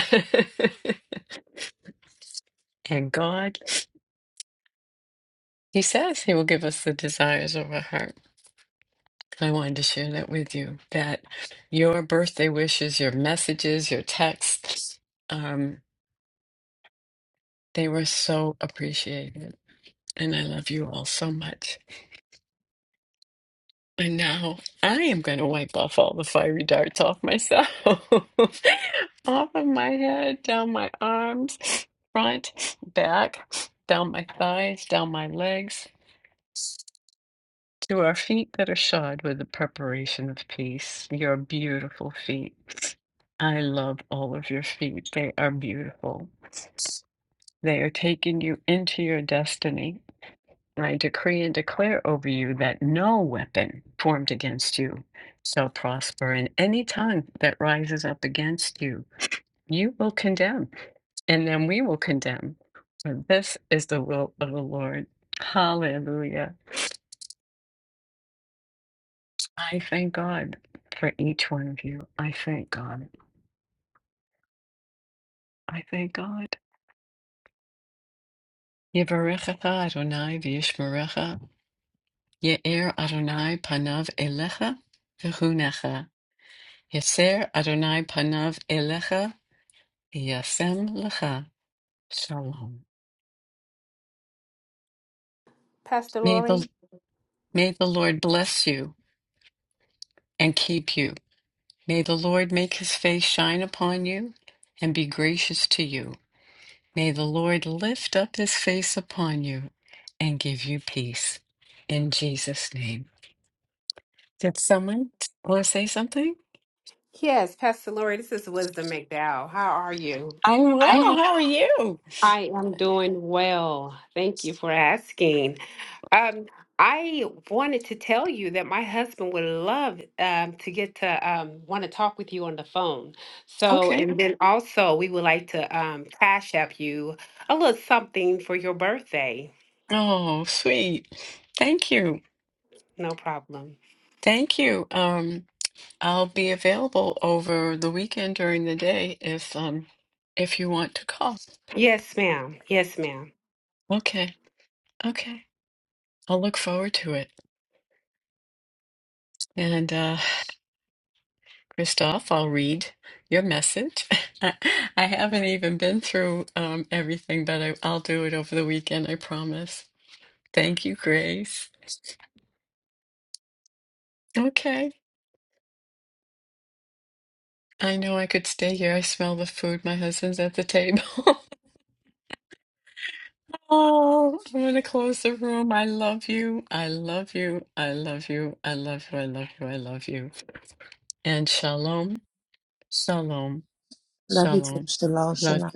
[laughs] and god he says he will give us the desires of our heart I wanted to share that with you that your birthday wishes, your messages, your texts, um, they were so appreciated. And I love you all so much. And now I am going to wipe off all the fiery darts off myself, [laughs] off of my head, down my arms, front, back, down my thighs, down my legs. To our feet that are shod with the preparation of peace, your beautiful feet. I love all of your feet. They are beautiful. They are taking you into your destiny. I decree and declare over you that no weapon formed against you shall prosper, and any tongue that rises up against you, you will condemn, and then we will condemn. For this is the will of the Lord. Hallelujah. I thank God for each one of you. I thank God. I thank God. Yevarechecha Adonai v'yishmerecha. Ye'er Adonai panav elecha v'chunecha. Yeser Adonai panav elecha yasem lecha. Shalom. Pastor May the, Lori. may the Lord bless you and keep you. May the Lord make his face shine upon you and be gracious to you. May the Lord lift up his face upon you and give you peace. In Jesus' name. Did someone want to say something? Yes, Pastor Lori, this is Wisdom McDowell. How are you? I'm I well. am well. How are you? I am doing well. Thank you for asking. Um, I wanted to tell you that my husband would love um, to get to um, want to talk with you on the phone. So, Okay. and then also we would like to um, cash app you a little something for your birthday. Oh, sweet. Thank you. No problem. Thank you. Um, I'll be available over the weekend during the day if um if you want to call. Yes, ma'am. Yes, ma'am. Okay. Okay. I'll look forward to it. And uh Christoph, I'll read your message. [laughs] I, I haven't even been through um, everything, but I, I'll do it over the weekend, I promise. Thank you, Grace. Okay. I know I could stay here. I smell the food. My husband's at the table. [laughs] Oh, I'm going to close the room. I love you. I love you. I love you. I love you. I love you. I love you. And shalom, shalom, Love you too. shalom. Shalom, Love shalom.